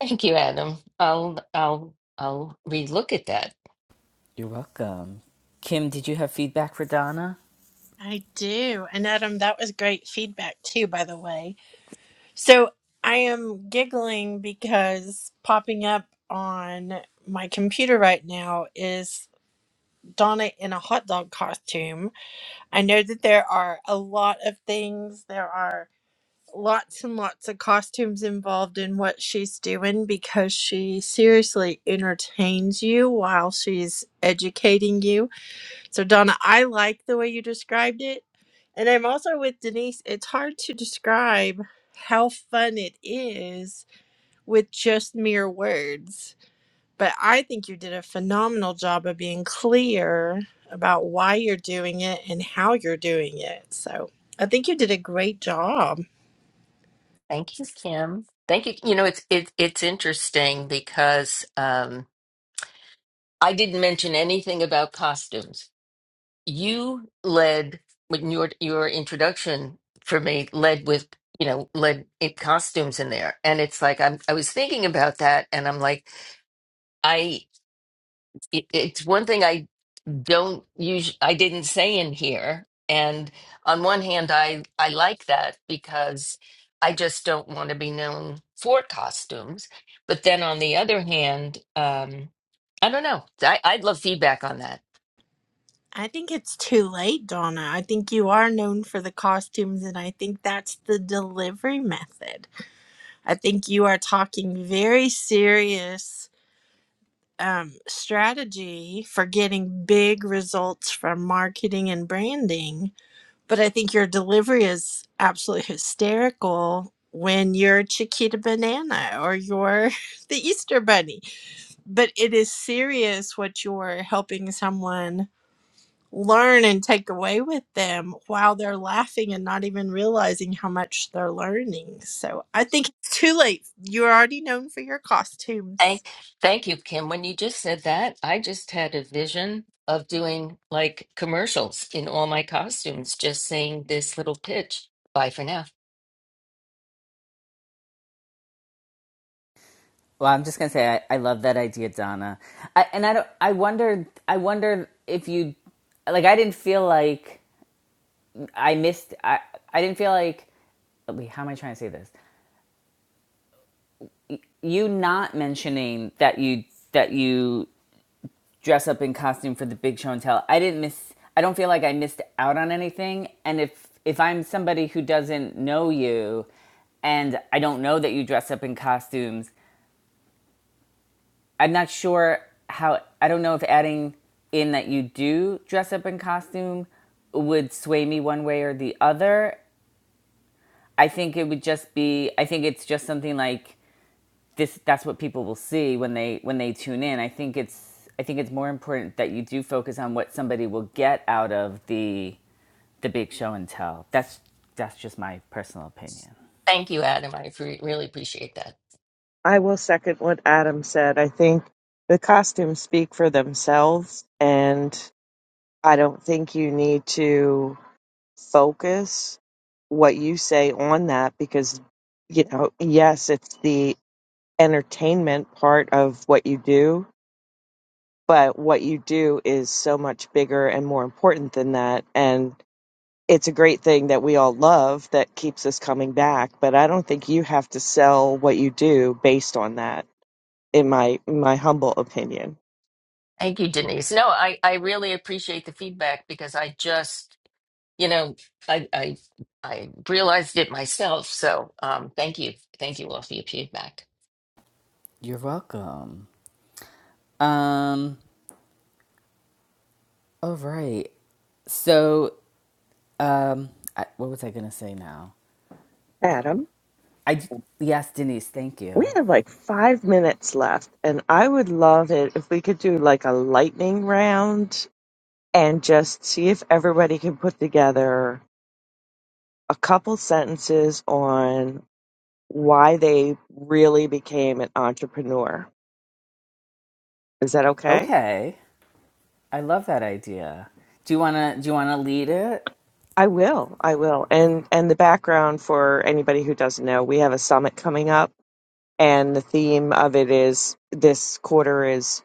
Speaker 6: Thank you, Adam. I'll I'll I'll relook at that.
Speaker 1: You're welcome. Kim, did you have feedback for Donna?
Speaker 2: I do. And Adam, that was great feedback too, by the way. So I am giggling because popping up on my computer right now is Donna in a hot dog costume. I know that there are a lot of things. There are lots and lots of costumes involved in what she's doing because she seriously entertains you while she's educating you. So, Donna, I like the way you described it. And I'm also with Denise. It's hard to describe how fun it is with just mere words but I think you did a phenomenal job of being clear about why you're doing it and how you're doing it. So I think you did a great job.
Speaker 6: Thank you, Kim. Thank you. You know, it's it's it's interesting because um, I didn't mention anything about costumes. You led with your your introduction for me led with you know led it costumes in there, and it's like I'm I was thinking about that, and I'm like I it, it's one thing I. don't use i didn't say in here and on one hand i i like that because i just don't want to be known for costumes but then on the other hand um i don't know I, i'd love feedback on that
Speaker 2: I think it's too late, Donna. I think you are known for the costumes, and I think that's the delivery method. I think you are talking very serious um, strategy for getting big results from marketing and branding But I think your delivery is absolutely hysterical when you're Chiquita Banana or you're the Easter Bunny. But it is serious what you're helping someone learn and take away with them while they're laughing and not even realizing how much they're learning. So I think it's too late. You're already known for your costumes.
Speaker 6: thank thank you kim when you just said that i just had a vision of doing like commercials in all my costumes just saying this little pitch bye for now
Speaker 1: Well, I'm just gonna say I, I love that idea, Donna. I, and I don't. I wonder. I wonder if you, like, I didn't feel like I missed. I I didn't feel like. Wait, how am I trying to say this? You not mentioning that you that you dress up in costume for the big show and tell. I didn't miss. I don't feel like I missed out on anything. And if if I'm somebody who doesn't know you, and I don't know that you dress up in costumes, I'm not sure how. I don't know if adding in that you do dress up in costume would sway me one way or the other. I think it would just be. I think it's just something like this. That's what people will see when they when they tune in. I think it's. I think it's more important that you do focus on what somebody will get out of the the big show and tell. That's that's just my personal opinion.
Speaker 6: thank you adam i appre- really appreciate that
Speaker 5: I will second what Adam said. I think the costumes speak for themselves, and I don't think you need to focus what you say on that because, you know, yes, it's the entertainment part of what you do, but what you do is so much bigger and more important than that. And it's a great thing that we all love that keeps us coming back, but I don't think you have to sell what you do based on that in my my humble opinion.
Speaker 6: Thank you, Denise. No, I, I really appreciate the feedback because I just, you know, I I I realized it myself. So um thank you. Thank you all for your feedback.
Speaker 1: You're welcome. Um. All right. So Um, I, what was I gonna say now?
Speaker 5: Adam.
Speaker 1: I yes, Denise, thank
Speaker 5: We
Speaker 1: you.
Speaker 5: have like five minutes left, and I would love it if we could do like a lightning round and just see if everybody can put together a couple sentences on why they really became an entrepreneur. Is that okay?
Speaker 1: Okay, I love that idea. Do you wanna do you wanna lead it?
Speaker 5: I will. I will. And and the background for anybody who doesn't know, we have a summit coming up and the theme of it is this quarter is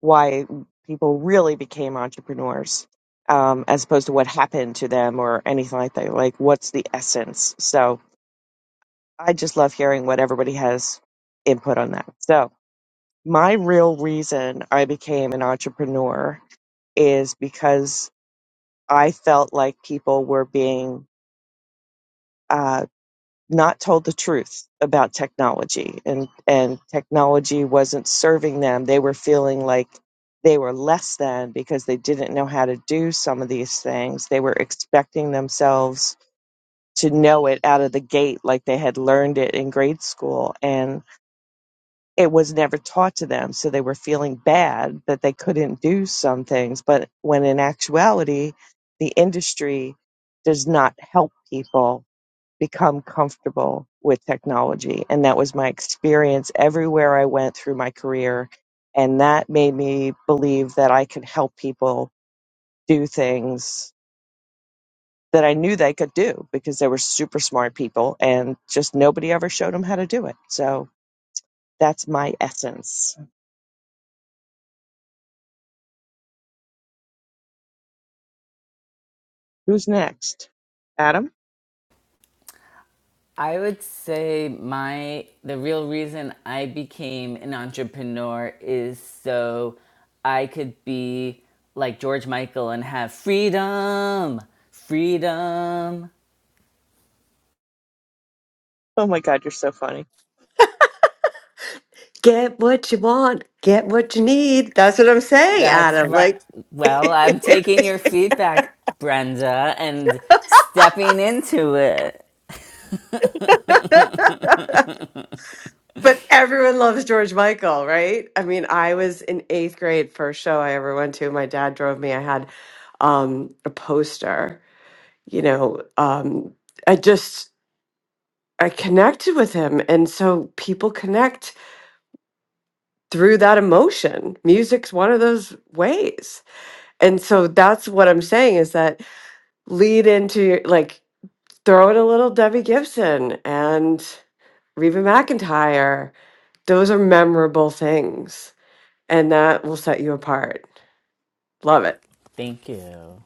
Speaker 5: why people really became entrepreneurs um, as opposed to what happened to them or anything like that like what's the essence so i just love hearing what everybody has input on that so my real reason i became an entrepreneur is because i felt like people were being uh, not told the truth about technology and and technology wasn't serving them they were feeling like they were less than because they didn't know how to do some of these things they were expecting themselves to know it out of the gate like they had learned it in grade school and it was never taught to them so they were feeling bad that they couldn't do some things but when in actuality the industry does not help people become comfortable with technology. And that was my experience everywhere I went through my career. And that made me believe that I could help people do things that I knew they could do because they were super smart people and just nobody ever showed them how to do it. So that's my essence. Who's next? Adam?
Speaker 1: I would say my the real reason I became an entrepreneur is so I could be like George Michael and have freedom, freedom.
Speaker 5: Oh my God, you're so funny.
Speaker 4: Get what you want, get what you need. That's what I'm saying,
Speaker 1: That's
Speaker 4: Adam.
Speaker 1: right.
Speaker 4: Like,
Speaker 1: Well, I'm taking your feedback, Brenda, and stepping into it.
Speaker 4: but everyone loves George Michael, right? I mean, I was in eighth grade, first show I ever went to. My dad drove me. I had um, a poster, you know. Um, I just, I connected with him. And so people connect through that emotion. Music's one of those ways. And so that's what I'm saying is that lead into your- like throw in a little Debbie Gibson and Reba McEntire; Those are memorable things, and that will set you apart. Love it.
Speaker 1: Thank you.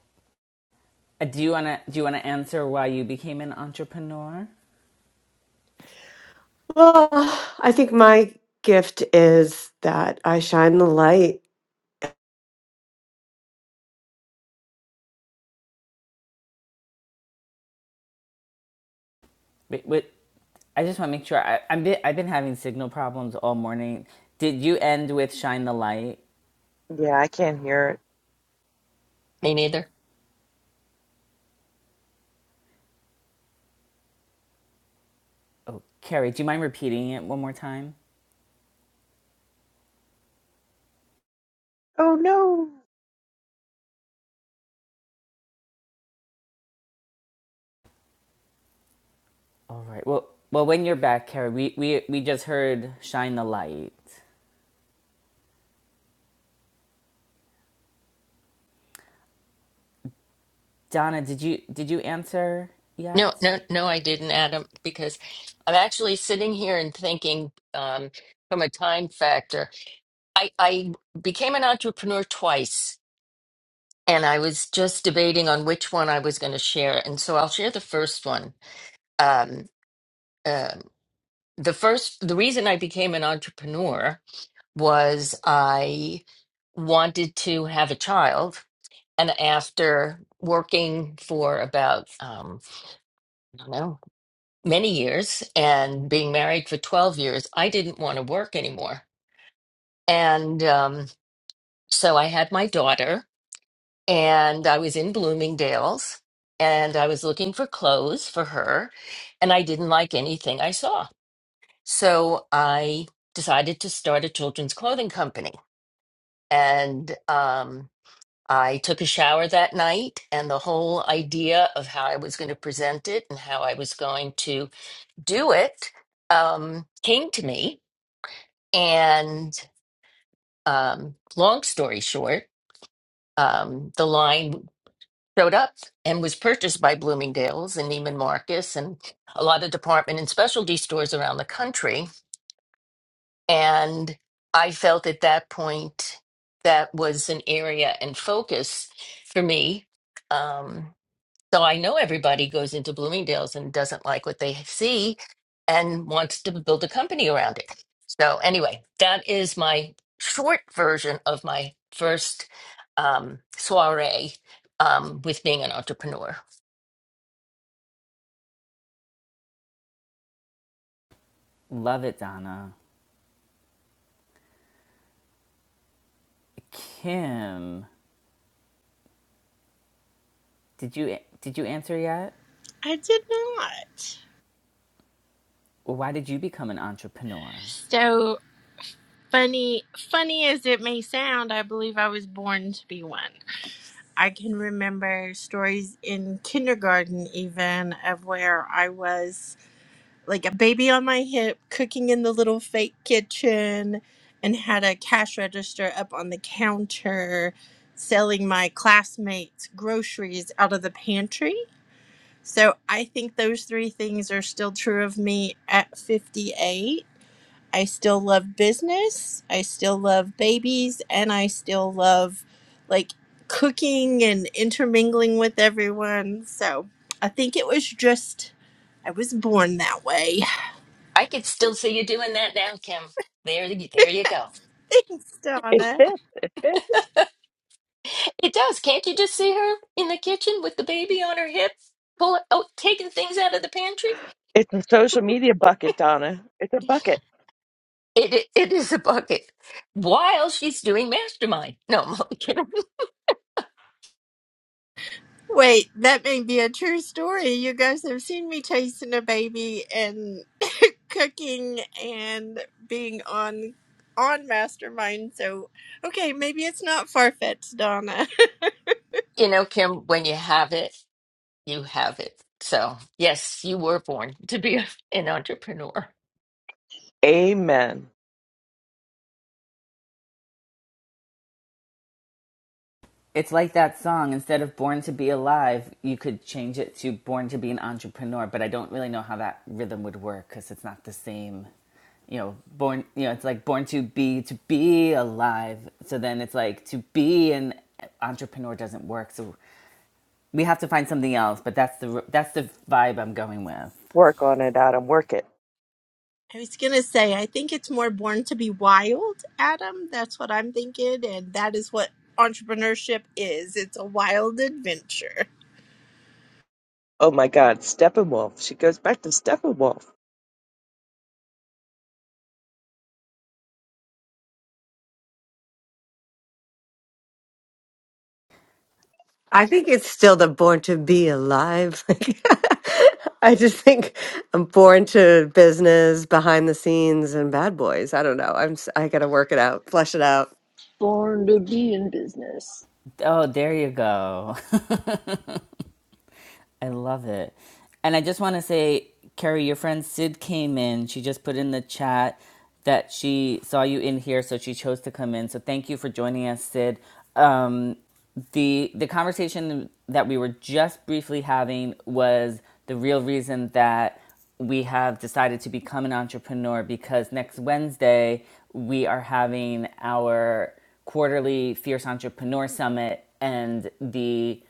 Speaker 1: Uh, do you wanna do you wanna answer why you became an entrepreneur?
Speaker 4: Well, I think my gift is that I shine the light.
Speaker 1: Wait, wait, I just want to make sure. I, I'm bit, I've been having signal problems all morning. Did you end with shine the light,
Speaker 5: Yeah, I can't hear it.
Speaker 6: Me neither.
Speaker 1: Carrie? Do you mind repeating it one more time?
Speaker 5: Oh no.
Speaker 1: All right. Well, well, when you're back, Carrie, we we we just heard shine the light. Donna, did you did you answer
Speaker 6: No,
Speaker 1: yet?
Speaker 6: no, no, I didn't, Adam, because I'm actually sitting here and thinking um from a time factor. I, I became an entrepreneur twice and I was just debating on which one I was going to share. And so I'll share the first one. Um, uh, the first, the reason I became an entrepreneur was I wanted to have a child. And after working for about, um, I don't know, many years and being married for 12 years, I didn't want to work anymore. And um, so I had my daughter, and I was in Bloomingdale's, and I was looking for clothes for her, and I didn't like anything I saw. So I decided to start a children's clothing company. And um, I took a shower that night, and the whole idea of how I was going to present it and how I was going to do it um, came to me. And um, long story short, um, the line showed up and was purchased by Bloomingdale's and Neiman Marcus and a lot of department and specialty stores around the country. And I felt at that point that was an area and focus for me. Um, So I know everybody goes into Bloomingdale's and doesn't like what they see and wants to build a company around it. So anyway, that is my short version of my first um, soiree um, with being an entrepreneur.
Speaker 1: Love it, Donna. Kim, did you did you answer yet?
Speaker 2: I did not.
Speaker 1: Why did you become an entrepreneur?
Speaker 2: So funny funny as it may sound, I believe I was born to be one. I can remember stories in kindergarten, even of where I was like a baby on my hip, cooking in the little fake kitchen, and had a cash register up on the counter, selling my classmates groceries out of the pantry. So I think those three things are still true of me at 58. I still love business. I still love babies and I still love like cooking and intermingling with everyone. So I think it was just, I was born that way.
Speaker 6: I could still see you doing that now, Kim. There, there you go.
Speaker 2: Thanks,
Speaker 5: It
Speaker 2: Donna.
Speaker 5: fits. It fits.
Speaker 6: It does. Can't you just see her in the kitchen with the baby on her hip, pull oh, taking things out of the pantry?
Speaker 5: It's a social media bucket, Donna. It's a bucket.
Speaker 6: It it, it is a bucket while she's doing mastermind. No, I'm only kidding.
Speaker 2: Wait, that may be a true story. You guys have seen me chasing a baby and cooking and being on on mastermind so okay maybe it's not far-fetched donna
Speaker 6: You know, Kim, when you have it, you have it. So, yes, you were born to be a- an entrepreneur.
Speaker 5: Amen.
Speaker 1: It's like that song. Instead of Born to Be Alive, you could change it to Born to Be an Entrepreneur, but I don't really know how that rhythm would work because it's not the same. You know, born, you know, it's like born to be, to be alive. So then it's like to be an entrepreneur doesn't work. So we have to find something else, but that's the, that's the vibe I'm going with.
Speaker 5: Work on it, Adam. Work it.
Speaker 2: I was gonna say, I think it's more born to be wild, Adam. That's what I'm thinking, and that is what entrepreneurship is. It's a wild adventure.
Speaker 5: Oh my God, Steppenwolf. She goes back to Steppenwolf.
Speaker 4: I think it's still the born to be alive. Like, I just think I'm born to business, behind the scenes, and bad boys. I don't know. I'm s- I gotta work it out, flesh it out.
Speaker 7: Born to be in business.
Speaker 1: Oh, there you go. I love it. And I just want to say, Carrie, your friend Sid came in. She just put in the chat that she saw you in here, so she chose to come in. So thank you for joining us, Sid. Um, the the conversation that we were just briefly having was the real reason that we have decided to become an entrepreneur because next Wednesday we are having our quarterly Fierce Entrepreneur Summit and the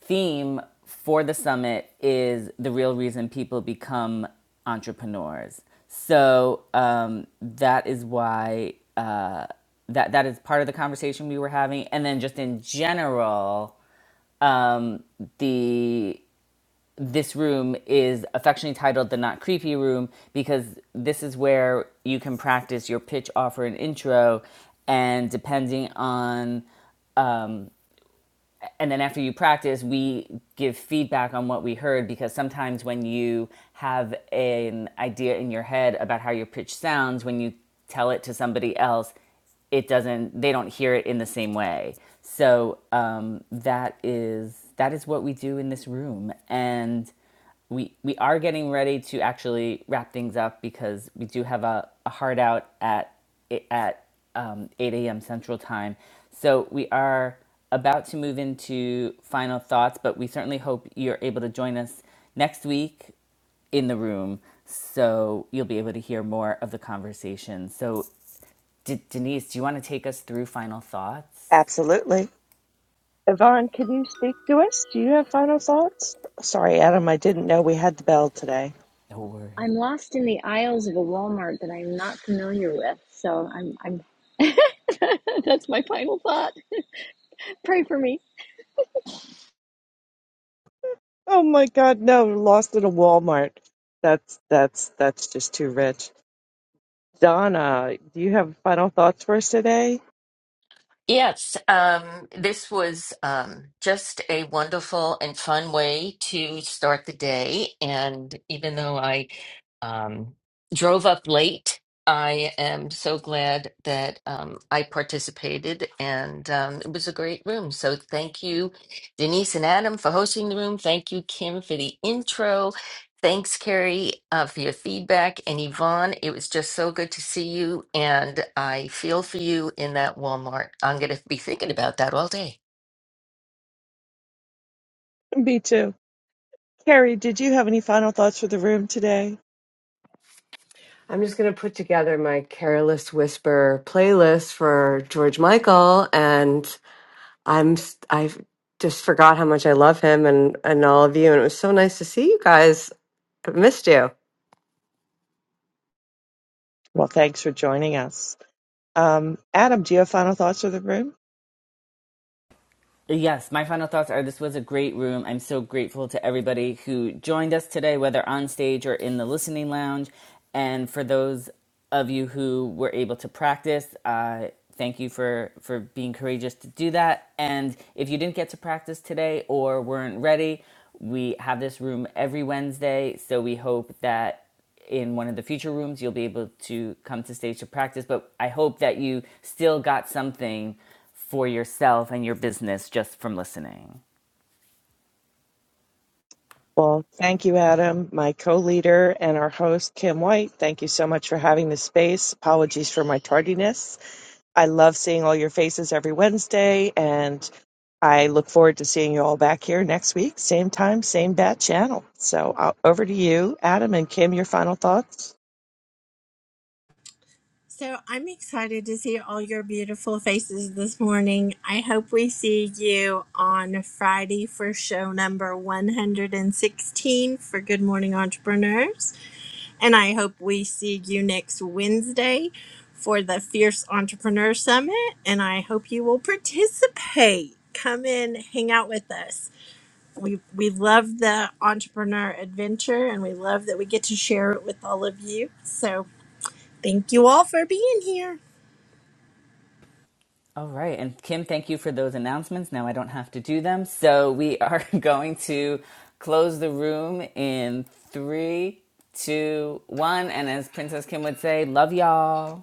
Speaker 1: theme for the summit is the real reason people become entrepreneurs. So um, that is why uh, that that is part of the conversation we were having, and then just in general, um, the this room is affectionately titled the Not Creepy Room because this is where you can practice your pitch, offer, and intro, and depending on and then after you practice, we give feedback on what we heard because sometimes when you have an idea in your head about how your pitch sounds, when you tell it to somebody else, it doesn't. They don't hear it in the same way. So um, that is that is what we do in this room, and we we are getting ready to actually wrap things up because we do have a, a hard out at at um, 8 a.m. Central Time. So we are about to move into final thoughts, but we certainly hope you're able to join us next week in the room so you'll be able to hear more of the conversation. So, D- Denise, do you want to take us through final thoughts?
Speaker 5: Absolutely. Yvonne, can you speak to us? Do you have final thoughts? Sorry, Adam, I didn't know we had the bell today.
Speaker 1: No worries.
Speaker 7: I'm lost in the aisles of a Walmart that I'm not familiar with. So I'm I'm that's my final thought. Pray for me.
Speaker 5: Oh my God, no, lost at a Walmart. That's that's that's just too rich. Donna, do you have final thoughts for us today?
Speaker 6: Yes, um, this was um, just a wonderful and fun way to start the day. And even though I um, drove up late, I am so glad that um, I participated and um, it was a great room. So, thank you, Denise and Adam, for hosting the room. Thank you, Kim, for the intro. Thanks, Carrie, uh, for your feedback. And Yvonne, it was just so good to see you. And I feel for you in that Walmart. I'm going to be thinking about that all day.
Speaker 5: Me too. Carrie, did you have any final thoughts for the room today?
Speaker 4: I'm just going to put together my Careless Whisper playlist for George Michael and I'm s- I just forgot how much I love him and and all of you and it was so nice to see you guys. I missed you.
Speaker 5: Well, thanks for joining us. Um, Adam, do you have final thoughts for the room?
Speaker 1: Yes, my final thoughts are this was a great room. I'm so grateful to everybody who joined us today, whether on stage or in the listening lounge. And for those of you who were able to practice, uh, thank you for, for being courageous to do that. And if you didn't get to practice today or weren't ready, we have this room every Wednesday. So we hope that in one of the future rooms, you'll be able to come to stage to practice. But I hope that you still got something for yourself and your business just from listening.
Speaker 5: Well, thank you, Adam, my co leader and our host, Kim White. Thank you so much for having this space. Apologies for my tardiness. I love seeing all your faces every Wednesday, and I look forward to seeing you all back here next week, same time, same bat channel. So uh, over to you, Adam and Kim, your final thoughts.
Speaker 2: So I'm excited to see all your beautiful faces this morning. I hope we see you on Friday for show number 116 for Good Morning Entrepreneurs. And I hope we see you next Wednesday for the Fierce Entrepreneur Summit. And I hope you will participate. Come in, hang out with us. We, we love the entrepreneur adventure and we love that we get to share it with all of you. So thank you all for being here.
Speaker 1: All right. And Kim, thank you for those announcements. Now I don't have to do them. So we are going to close the room in three, two, one. And as Princess Kim would say, love y'all.